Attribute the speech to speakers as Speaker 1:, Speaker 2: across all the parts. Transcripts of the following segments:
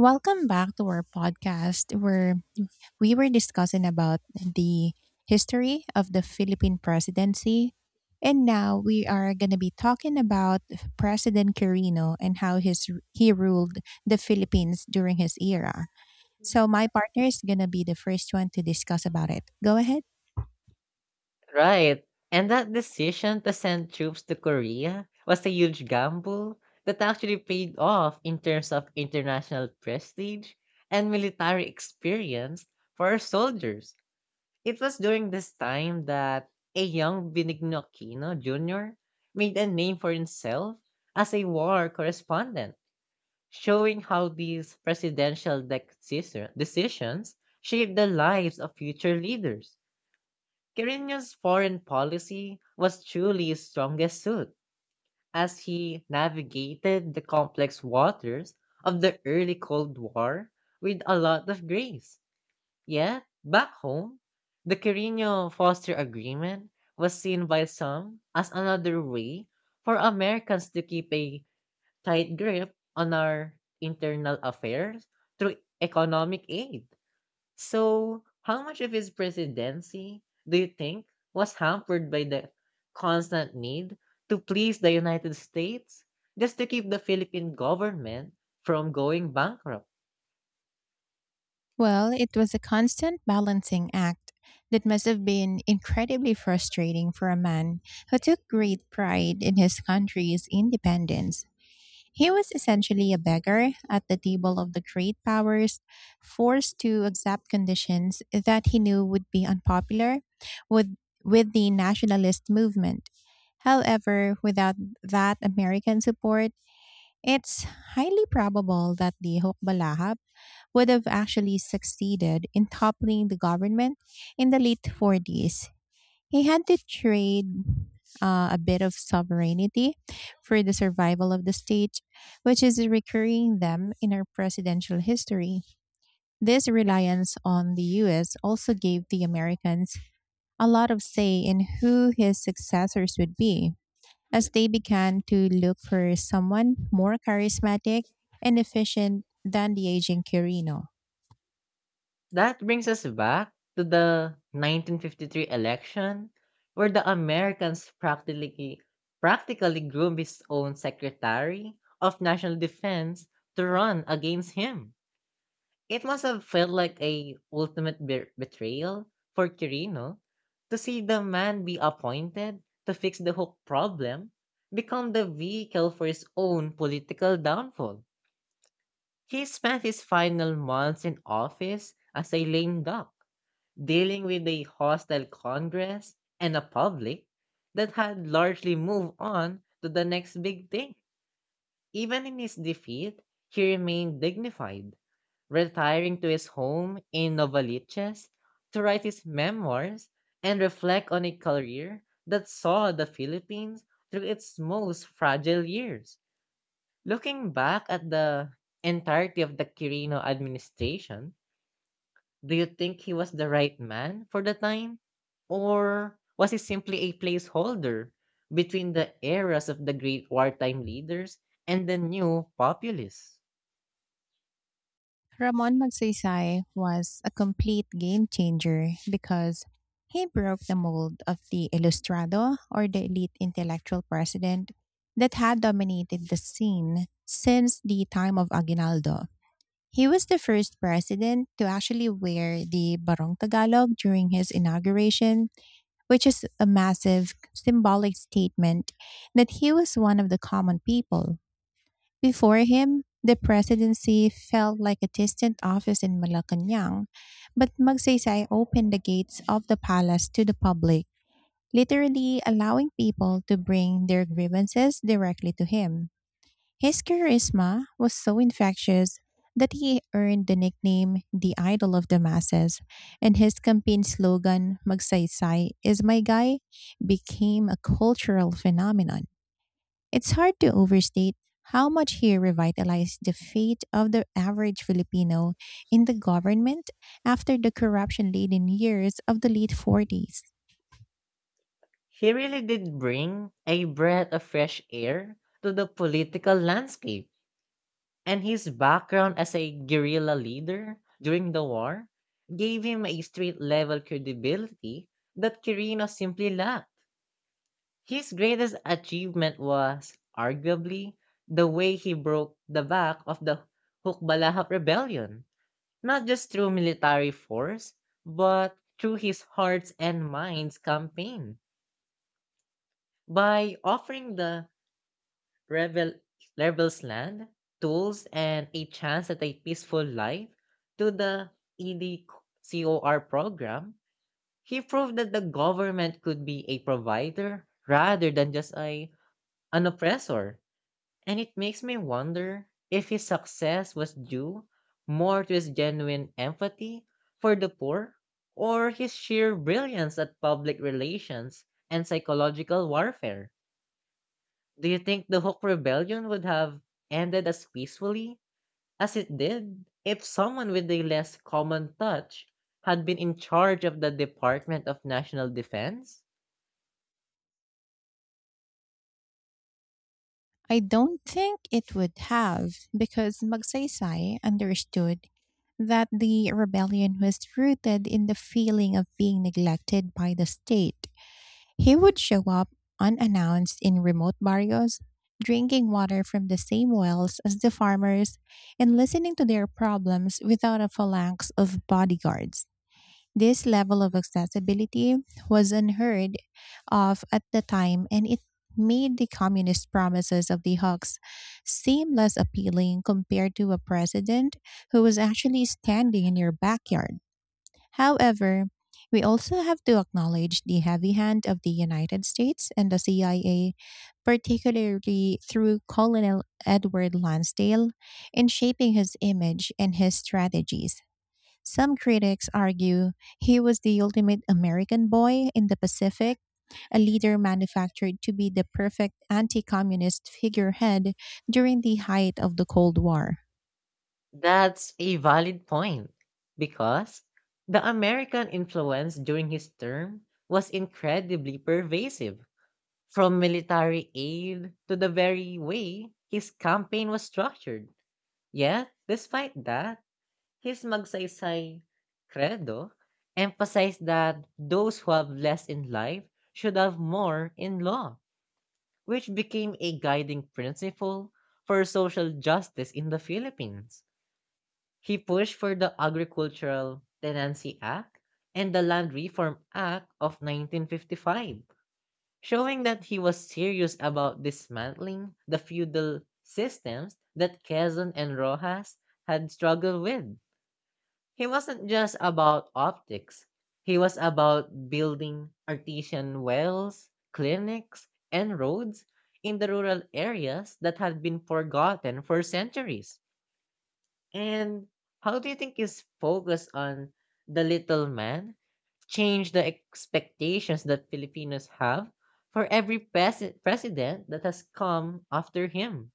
Speaker 1: Welcome back to our podcast where we were discussing about the history of the Philippine presidency. And now we are going to be talking about President Quirino and how his he ruled the Philippines during his era. So my partner is going to be the first one to discuss about it. Go ahead.
Speaker 2: Right. And that decision to send troops to Korea was a huge gamble that actually paid off in terms of international prestige and military experience for our soldiers. It was during this time that a young Benigno Aquino Jr. made a name for himself as a war correspondent, showing how these presidential decisions shaped the lives of future leaders. Quirinius' foreign policy was truly his strongest suit, as he navigated the complex waters of the early Cold War with a lot of grace. Yet, back home, the Quirino-Foster Agreement was seen by some as another way for Americans to keep a tight grip on our internal affairs through economic aid. So, how much of his presidency do you think was hampered by the constant need to please the United States just to keep the Philippine government from going bankrupt?
Speaker 1: Well, it was a constant balancing act that must have been incredibly frustrating for a man who took great pride in his country's independence. He was essentially a beggar at the table of the great powers, forced to accept conditions that he knew would be unpopular with, with the nationalist movement. However, without that American support, it's highly probable that the Hukbalaha would have actually succeeded in toppling the government in the late 40s. He had to trade a bit of sovereignty for the survival of the state, which is a recurring theme in our presidential history. This reliance on the US also gave the Americans a lot of say in who his successors would be, as they began to look for someone more charismatic and efficient than the aging Quirino.
Speaker 2: That brings us back to the 1953 election, where the Americans practically groomed his own secretary of national defense to run against him. It must have felt like a ultimate betrayal for Kirino, to see the man be appointed to fix the hook problem become the vehicle for his own political downfall. He spent his final months in office as a lame duck, dealing with a hostile Congress and a public that had largely moved on to the next big thing. Even in his defeat, he remained dignified, retiring to his home in Novaliches to write his memoirs and reflect on a career that saw the Philippines through its most fragile years. Looking back at the entirety of the Quirino administration, do you think he was the right man for the time? Or was he simply a placeholder between the eras of the great wartime leaders and the new populists?
Speaker 1: Ramon Magsaysay was a complete game changer because he broke the mold of the ilustrado or the elite intellectual president that had dominated the scene since the time of Aguinaldo. He was the first president to actually wear the Barong Tagalog during his inauguration, which is a massive symbolic statement that he was one of the common people. Before him, the presidency felt like a distant office in Malacanang, but Magsaysay opened the gates of the palace to the public, literally allowing people to bring their grievances directly to him. His charisma was so infectious that he earned the nickname the idol of the masses, and his campaign slogan, Magsaysay is my guy, became a cultural phenomenon. It's hard to overstate how much he revitalized the fate of the average Filipino in the government after the corruption laden years of the late 40s.
Speaker 2: He really did bring a breath of fresh air to the political landscape, and his background as a guerrilla leader during the war gave him a street level credibility that Quirino simply lacked. His greatest achievement was, arguably, the way he broke the back of the Hukbalahap rebellion, not just through military force, but through his hearts and minds campaign. By offering the Rebel rebels land, tools, and a chance at a peaceful life to the EDCOR program, he proved that the government could be a provider rather than just a an oppressor. And it makes me wonder if his success was due more to his genuine empathy for the poor, or his sheer brilliance at public relations and psychological warfare. Do you think the Hook Rebellion would have ended as peacefully as it did if someone with a less common touch had been in charge of the Department of National Defense?
Speaker 1: I don't think it would have, because Magsaysay understood that the rebellion was rooted in the feeling of being neglected by the state. He would show up unannounced in remote barrios, drinking water from the same wells as the farmers and listening to their problems without a phalanx of bodyguards. This level of accessibility was unheard of at the time, and it made the communist promises of the Hawks seem less appealing compared to a president who was actually standing in your backyard. However, we also have to acknowledge the heavy hand of the United States and the CIA, particularly through Colonel Edward Lansdale, in shaping his image and his strategies. Some critics argue he was the ultimate American boy in the Pacific, a leader manufactured to be the perfect anti communist figurehead during the height of the Cold War.
Speaker 2: That's a valid point, because the American influence during his term was incredibly pervasive, from military aid to the very way his campaign was structured. Yet, despite that, his Magsaysay credo emphasized that those who have less in life should have more in law, which became a guiding principle for social justice in the Philippines. He pushed for the Agricultural Tenancy Act and the Land Reform Act of 1955, showing that he was serious about dismantling the feudal systems that Quezon and Rojas had struggled with. He wasn't just about optics. He was about building artesian wells, clinics, and roads in the rural areas that had been forgotten for centuries. And how do you think his focus on the little man changed the expectations that Filipinos have for every president that has come after him?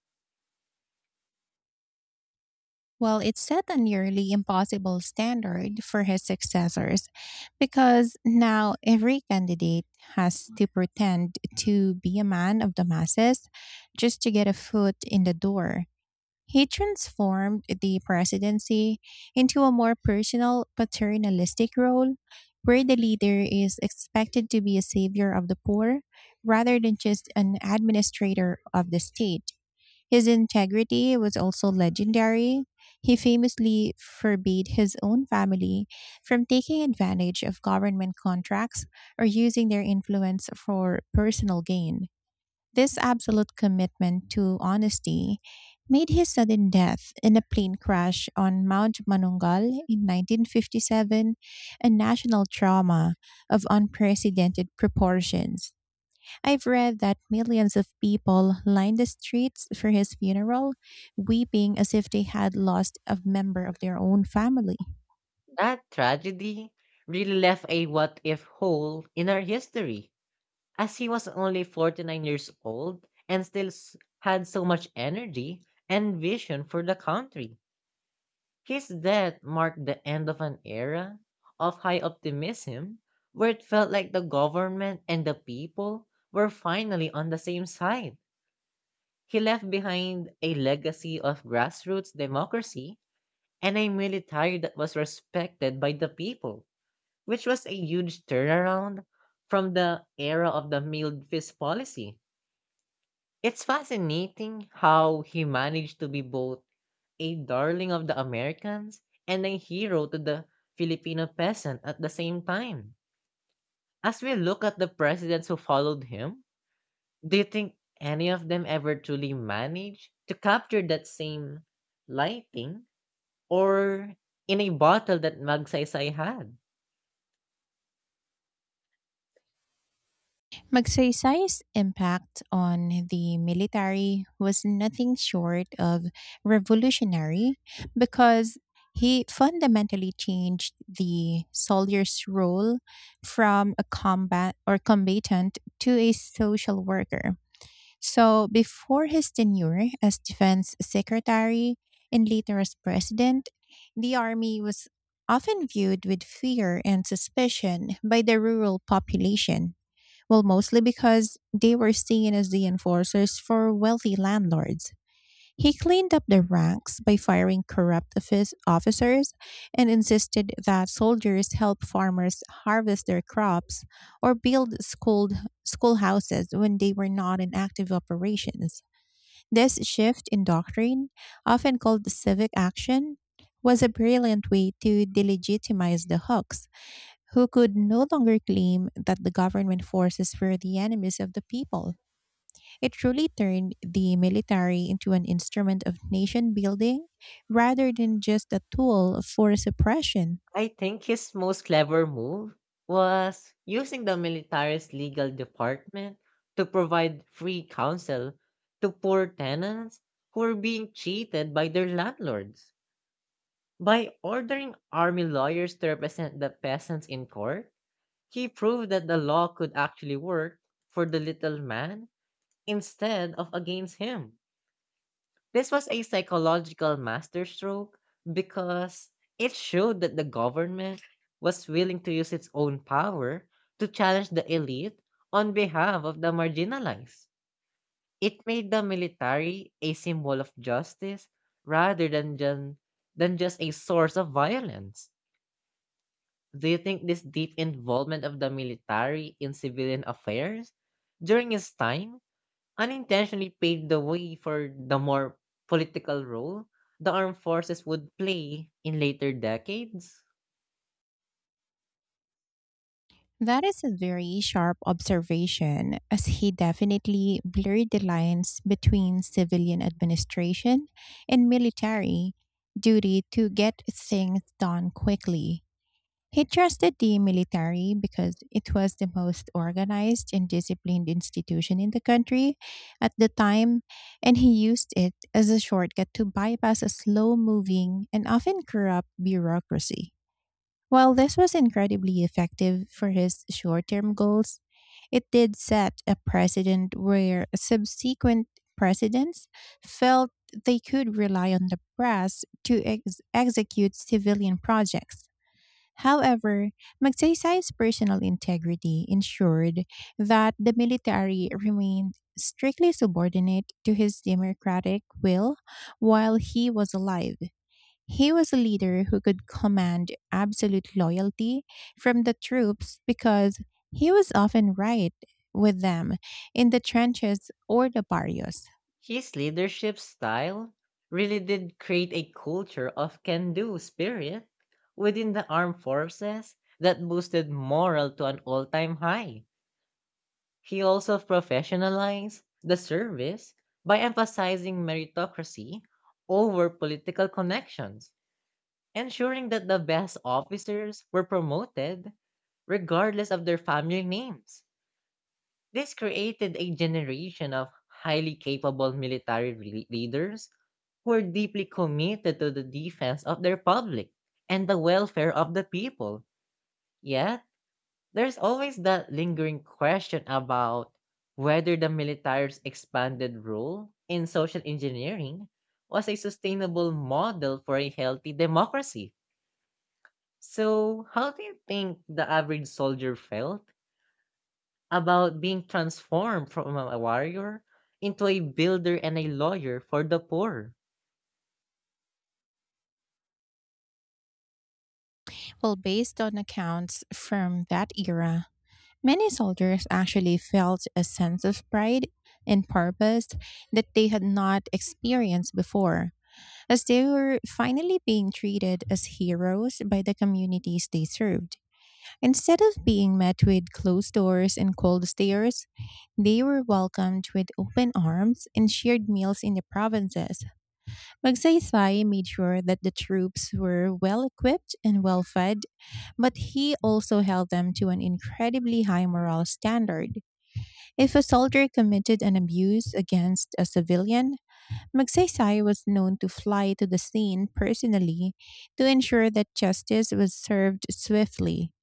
Speaker 1: Well, it set a nearly impossible standard for his successors, because now every candidate has to pretend to be a man of the masses just to get a foot in the door. He transformed the presidency into a more personal, paternalistic role where the leader is expected to be a savior of the poor rather than just an administrator of the state. His integrity was also legendary. He famously forbade his own family from taking advantage of government contracts or using their influence for personal gain. This absolute commitment to honesty made his sudden death in a plane crash on Mount Manungal in 1957 a national trauma of unprecedented proportions. I've read that millions of people lined the streets for his funeral, weeping as if they had lost a member of their own family.
Speaker 2: That tragedy really left a what if hole in our history. As he was only 49 years old and still had so much energy and vision for the country, his death marked the end of an era of high optimism, where it felt like the government and the people were finally on the same side. He left behind a legacy of grassroots democracy and a military that was respected by the people, which was a huge turnaround from the era of the mild fist policy. It's fascinating how he managed to be both a darling of the Americans and a hero to the Filipino peasant at the same time. As we look at the presidents who followed him, do you think any of them ever truly managed to capture that same lighting or in a bottle that Magsaysay had?
Speaker 1: Magsaysay's impact on the military was nothing short of revolutionary, because he fundamentally changed the soldier's role from a combat or combatant to a social worker. So, before his tenure as defense secretary and later as president, the army was often viewed with fear and suspicion by the rural population, well, mostly because they were seen as the enforcers for wealthy landlords. He cleaned up the ranks by firing corrupt officers and insisted that soldiers help farmers harvest their crops or build schoolhouses when they were not in active operations. This shift in doctrine, often called civic action, was a brilliant way to delegitimize the Hooks, who could no longer claim that the government forces were the enemies of the people. It truly turned the military into an instrument of nation building rather than just a tool for suppression.
Speaker 2: I think his most clever move was using the military's legal department to provide free counsel to poor tenants who were being cheated by their landlords. By ordering army lawyers to represent the peasants in court, he proved that the law could actually work for the little man instead of against him. This was a psychological masterstroke, because it showed that the government was willing to use its own power to challenge the elite on behalf of the marginalized. It made the military a symbol of justice rather than just a source of violence. Do you think this deep involvement of the military in civilian affairs during his time unintentionally paved the way for the more political role the armed forces would play in later decades?
Speaker 1: That is a very sharp observation, as he definitely blurred the lines between civilian administration and military duty to get things done quickly. He trusted the military because it was the most organized and disciplined institution in the country at the time, and he used it as a shortcut to bypass a slow moving and often corrupt bureaucracy. While this was incredibly effective for his short term goals, it did set a precedent where subsequent presidents felt they could rely on the press to execute civilian projects. However, Magsaysay's personal integrity ensured that the military remained strictly subordinate to his democratic will while he was alive. He was a leader who could command absolute loyalty from the troops because he was often right with them in the trenches or the barrios.
Speaker 2: His leadership style really did create a culture of can do spirit within the armed forces that boosted morale to an all time high. He also professionalized the service by emphasizing meritocracy over political connections, ensuring that the best officers were promoted regardless of their family names. This created a generation of highly capable military leaders who were deeply committed to the defense of their public and the welfare of the people. Yet, there's always that lingering question about whether the military's expanded role in social engineering was a sustainable model for a healthy democracy. So, how do you think the average soldier felt about being transformed from a warrior into a builder and a lawyer for the poor?
Speaker 1: Well, based on accounts from that era, many soldiers actually felt a sense of pride and purpose that they had not experienced before, as they were finally being treated as heroes by the communities they served. Instead of being met with closed doors and cold stares, they were welcomed with open arms and shared meals in the provinces. Magsaysay made sure that the troops were well equipped and well fed, but he also held them to an incredibly high moral standard. If a soldier committed an abuse against a civilian, Magsaysay was known to fly to the scene personally to ensure that justice was served swiftly.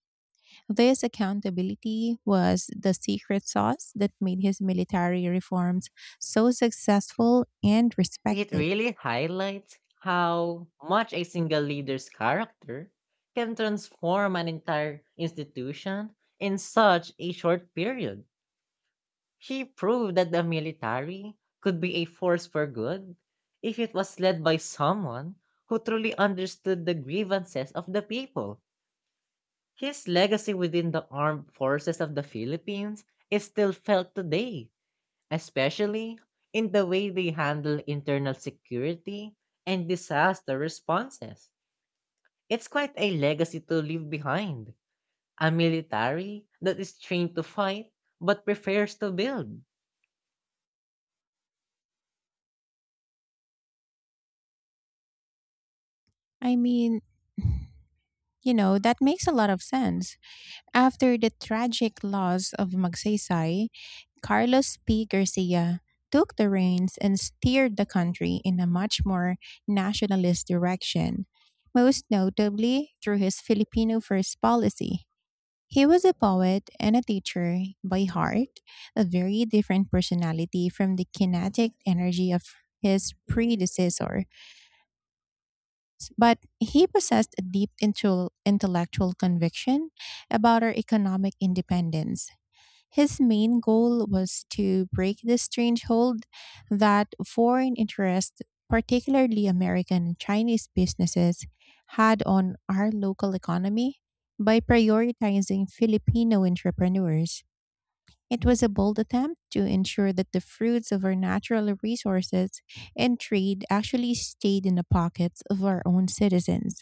Speaker 1: This accountability was the secret sauce that made his military reforms so successful and
Speaker 2: It
Speaker 1: respected.
Speaker 2: really highlights how much a single leader's character can transform an entire institution in such a short period. She proved that the military could be a force for good if it was led by someone who truly understood the grievances of the people. His legacy within the Armed Forces of the Philippines is still felt today, especially in the way they handle internal security and disaster responses. It's quite a legacy to leave behind, a military that is trained to fight but prefers to build.
Speaker 1: I mean, that makes a lot of sense. After the tragic loss of Magsaysay, Carlos P. Garcia took the reins and steered the country in a much more nationalist direction, most notably through his Filipino First policy. He was a poet and a teacher by heart, a very different personality from the kinetic energy of his predecessor. But he possessed a deep intellectual conviction about our economic independence. His main goal was to break the strange hold that foreign interests, particularly American and Chinese businesses, had on our local economy by prioritizing Filipino entrepreneurs. It was a bold attempt to ensure that the fruits of our natural resources and trade actually stayed in the pockets of our own citizens.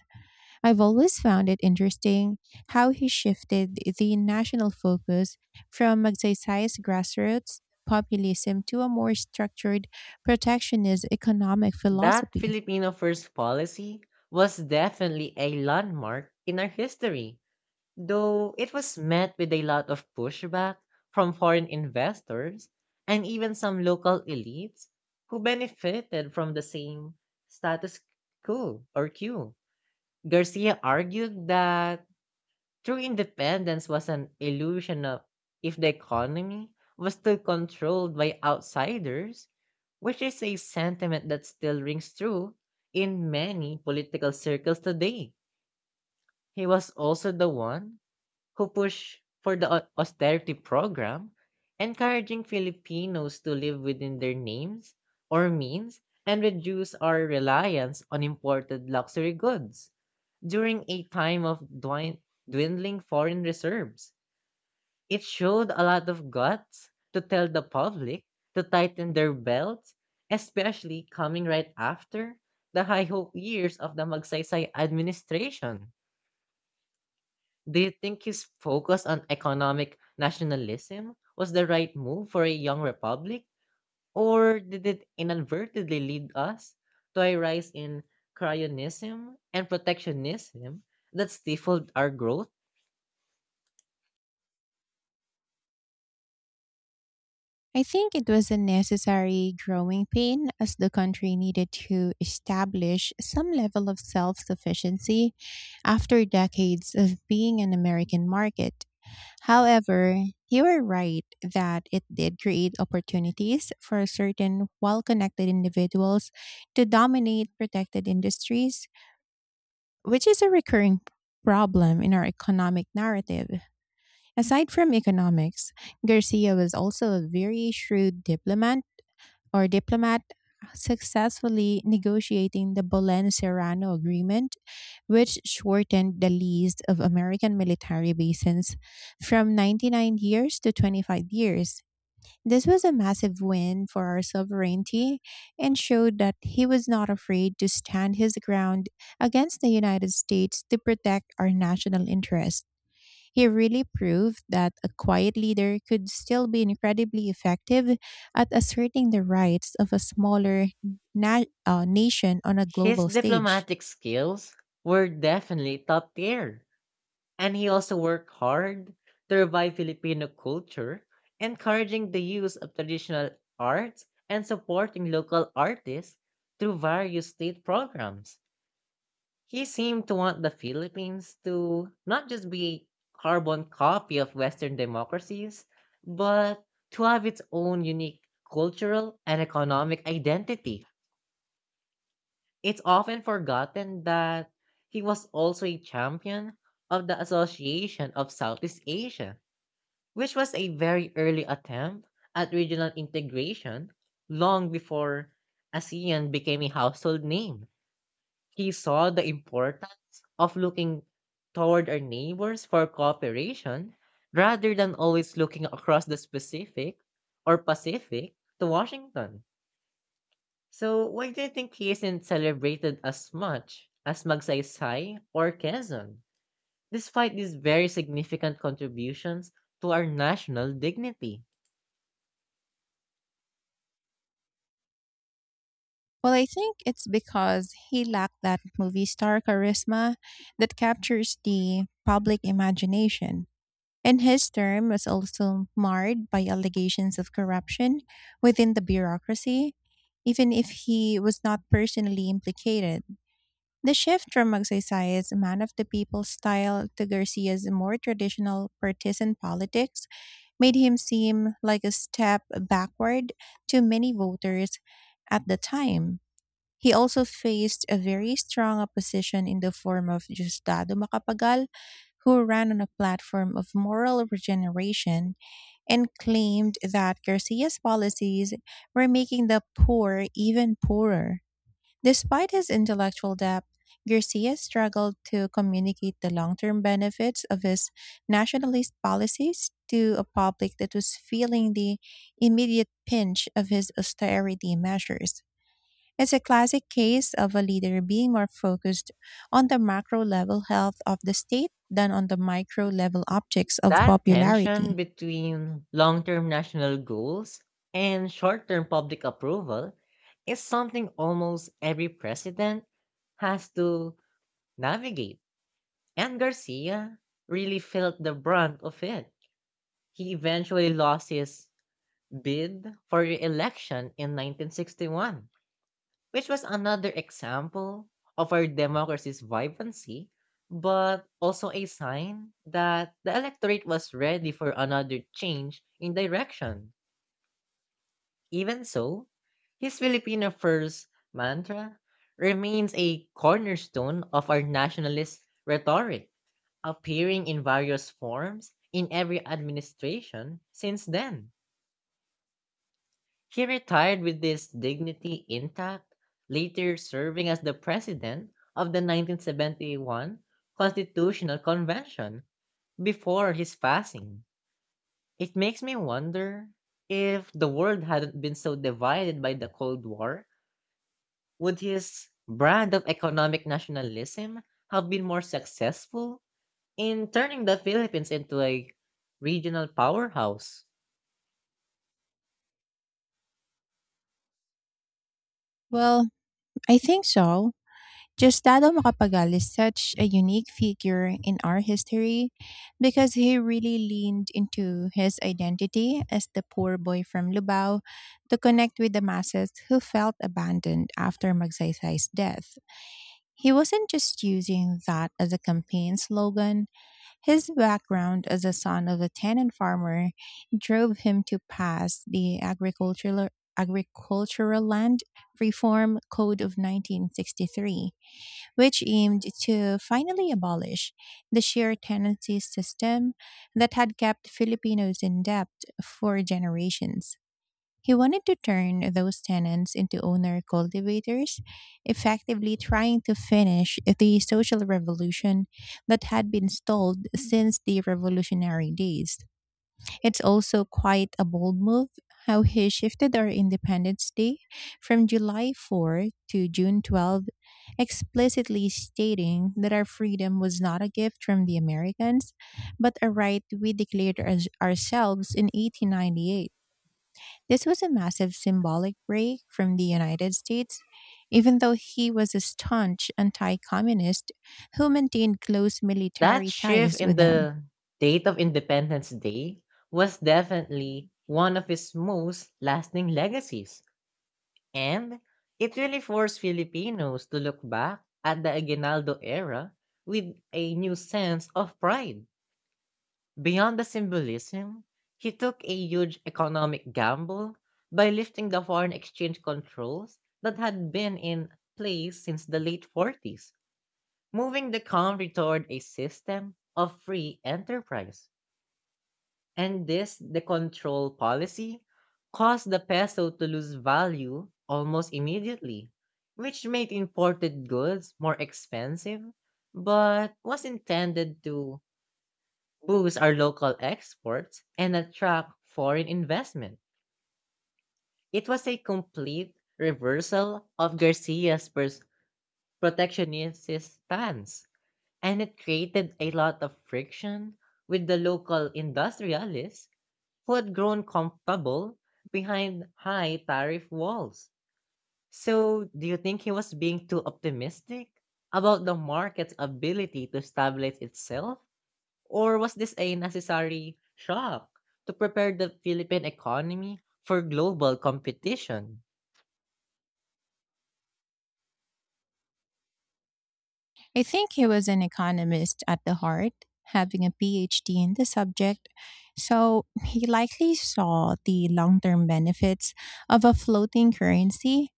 Speaker 1: I've always found it interesting how he shifted the national focus from Magsaysay's grassroots populism to a more structured, protectionist economic
Speaker 2: That
Speaker 1: philosophy.
Speaker 2: Filipino first policy was definitely a landmark in our history, though it was met with a lot of pushback from foreign investors and even some local elites who benefited from the same status quo. Garcia argued that true independence was an illusion of if the economy was still controlled by outsiders, which is a sentiment that still rings true in many political circles today. He was also the one who push for the austerity program, encouraging Filipinos to live within their names or means and reduce our reliance on imported luxury goods during a time of dwindling foreign reserves. It showed a lot of guts to tell the public to tighten their belts, especially coming right after the high hope years of the Magsaysay administration. Do you think his focus on economic nationalism was the right move for a young republic, or did it inadvertently lead us to a rise in cryonism and protectionism that stifled our growth?
Speaker 1: I think it was a necessary growing pain, as the country needed to establish some level of self sufficiency after decades of being an American market. However, you are right that it did create opportunities for certain well connected individuals to dominate protected industries, which is a recurring problem in our economic narrative. Aside from economics, Garcia was also a very shrewd diplomat or diplomat, successfully negotiating the Bolen Serrano Agreement, which shortened the lease of American military bases from 99 years to 25 years. This was a massive win for our sovereignty and showed that he was not afraid to stand his ground against the United States to protect our national interests. He really proved that a quiet leader could still be incredibly effective at asserting the rights of a smaller nation on a
Speaker 2: His
Speaker 1: global stage.
Speaker 2: diplomatic skills were definitely top tier. And he also worked hard to revive Filipino culture, encouraging the use of traditional arts and supporting local artists through various state programs. He seemed to want the Philippines to not just be a carbon copy of Western democracies, but to have its own unique cultural and economic identity. It's often forgotten that he was also a champion of the Association of Southeast Asia, which was a very early attempt at regional integration long before ASEAN became a household name. He saw the importance of looking toward our neighbors for cooperation rather than always looking across the Pacific to Washington. So why do you think he isn't celebrated as much as Magsaysay or Quezon, despite these very significant contributions to our national dignity?
Speaker 1: Well, I think it's because he lacked that movie star charisma that captures the public imagination. And his term was also marred by allegations of corruption within the bureaucracy, even if he was not personally implicated. The shift from Magsaysay's man of the people style to Garcia's more traditional partisan politics made him seem like a step backward to many voters at the time. He also faced a very strong opposition in the form of Justado Macapagal, who ran on a platform of moral regeneration and claimed that Garcia's policies were making the poor even poorer. Despite his intellectual depth, Garcia struggled to communicate the long term benefits of his nationalist policies to a public that was feeling the immediate pinch of his austerity measures. It's a classic case of a leader being more focused on the macro level health of the state than on the micro level objects of
Speaker 2: That tension
Speaker 1: popularity.
Speaker 2: between long term national goals and short term public approval is something almost every president has to navigate. And Garcia really felt the brunt of it. He eventually lost his bid for re election in 1961, which was another example of our democracy's vibrancy, but also a sign that the electorate was ready for another change in direction. Even so, his Filipino first mantra remains a cornerstone of our nationalist rhetoric, appearing in various forms in every administration since then. He retired with this dignity intact, later serving as the president of the 1971 Constitutional Convention before his passing. It makes me wonder, if the world hadn't been so divided by the Cold War, would his brand of economic nationalism have been more successful in turning the Philippines into a regional powerhouse?
Speaker 1: Well, I think so. Gustavo Macapagal is such a unique figure in our history because he really leaned into his identity as the poor boy from Lubao to connect with the masses who felt abandoned after Magsaysay's death. He wasn't just using that as a campaign slogan. His background as a son of a tenant farmer drove him to pass the agricultural land reform code of 1963, which aimed to finally abolish the share tenancy system that had kept Filipinos in debt for generations. He wanted to turn those tenants into owner cultivators, effectively trying to finish the social revolution that had been stalled since the revolutionary days. It's also quite a bold move how he shifted our Independence Day from July 4 to June 12, explicitly stating that our freedom was not a gift from the Americans, but a right we declared as ourselves in 1898. This was a massive symbolic break from the United States, even though he was a staunch anti communist who maintained close
Speaker 2: That
Speaker 1: military
Speaker 2: shift
Speaker 1: ties
Speaker 2: in
Speaker 1: with them.
Speaker 2: the date of Independence Day was definitely one of his most lasting legacies. And it really forced Filipinos to look back at the Aguinaldo era with a new sense of pride. Beyond the symbolism, he took a huge economic gamble by lifting the foreign exchange controls that had been in place since the late 40s, moving the country toward a system of free enterprise. And this, the control policy, caused the peso to lose value almost immediately, which made imported goods more expensive, but was intended to boost our local exports and attract foreign investment. It was a complete reversal of Garcia's protectionist stance, and it created a lot of friction with the local industrialists who had grown comfortable behind high tariff walls. So, do you think he was being too optimistic about the market's ability to stabilize itself? Or was this a necessary shock to prepare the Philippine economy for global competition?
Speaker 1: I think he was an economist at the heart, having a PhD in the subject, so he likely saw the long term benefits of a floating currency,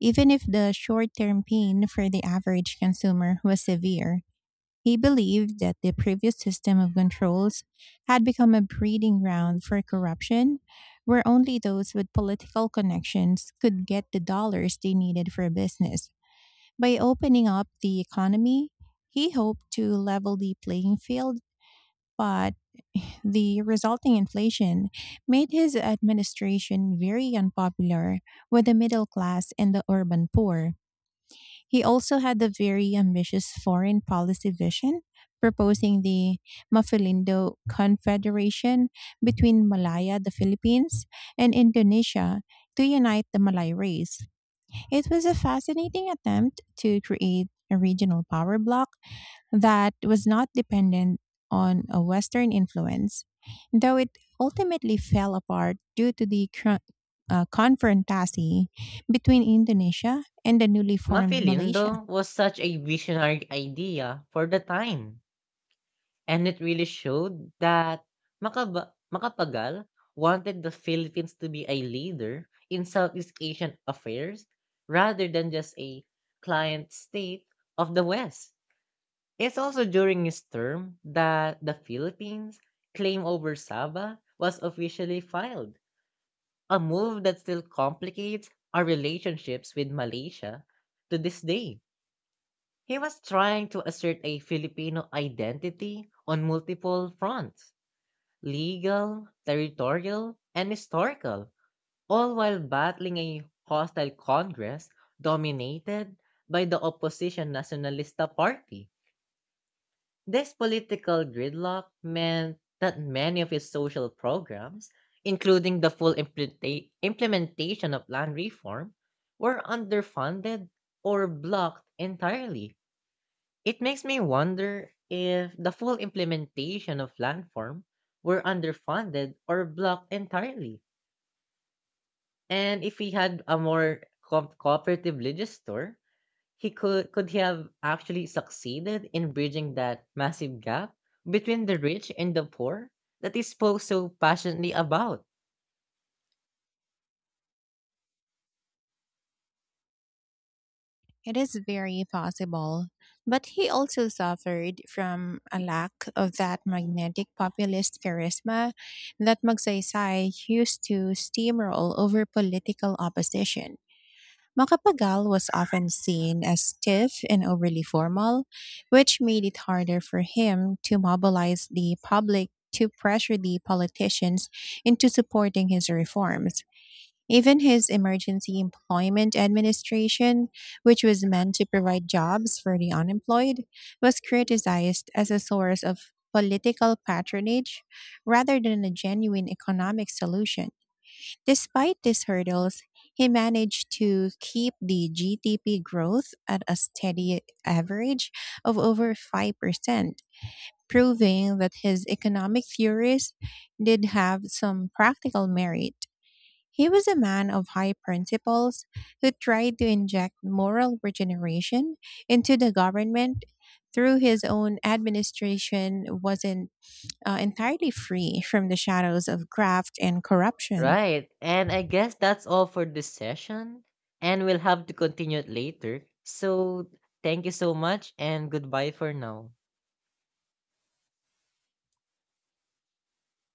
Speaker 1: even if the short term pain for the average consumer was severe. He believed that the previous system of controls had become a breeding ground for corruption, where only those with political connections could get the dollars they needed for business. By opening up the economy, he hoped to level the playing field, but the resulting inflation made his administration very unpopular with the middle class and the urban poor. He also had a very ambitious foreign policy vision, proposing the Mafilindo Confederation between Malaya, the Philippines, and Indonesia to unite the Malay race. It was a fascinating attempt to create a regional power bloc that was not dependent on a Western influence, though it ultimately fell apart due to the confrontation between Indonesia and the newly formed Malaysia.
Speaker 2: Mafilindo was such a visionary idea for the time. And it really showed that Makaba Makapagal wanted the Philippines to be a leader in Southeast Asian affairs rather than just a client state of the West. It's also during his term that the Philippines' claim over Sabah was officially filed, a move that still complicates our relationships with Malaysia to this day. He was trying to assert a Filipino identity on multiple fronts: legal, territorial, and historical, all while battling a hostile Congress dominated by the opposition Nacionalista Party. This political gridlock meant that many of his social programs, including the full implementation of land reform, were underfunded or blocked entirely. It makes me wonder if the full implementation of landform were underfunded or blocked entirely. And if he had a more cooperative legislator, he could he have actually succeeded in bridging that massive gap between the rich and the poor that he spoke so passionately about?
Speaker 1: It is very possible, but he also suffered from a lack of that magnetic populist charisma that Magsaysay used to steamroll over political opposition. Makapagal was often seen as stiff and overly formal, which made it harder for him to mobilize the public to pressure the politicians into supporting his reforms. Even his emergency employment administration, which was meant to provide jobs for the unemployed, was criticized as a source of political patronage rather than a genuine economic solution. Despite these hurdles, he managed to keep the GDP growth at a steady average of over 5%, proving that his economic theories did have some practical merit. He was a man of high principles who tried to inject moral regeneration into the government, through his own administration wasn't entirely free from the shadows of graft and corruption.
Speaker 2: Right. And I guess that's all for this session. And we'll have to continue it later. So thank you so much, and goodbye for now.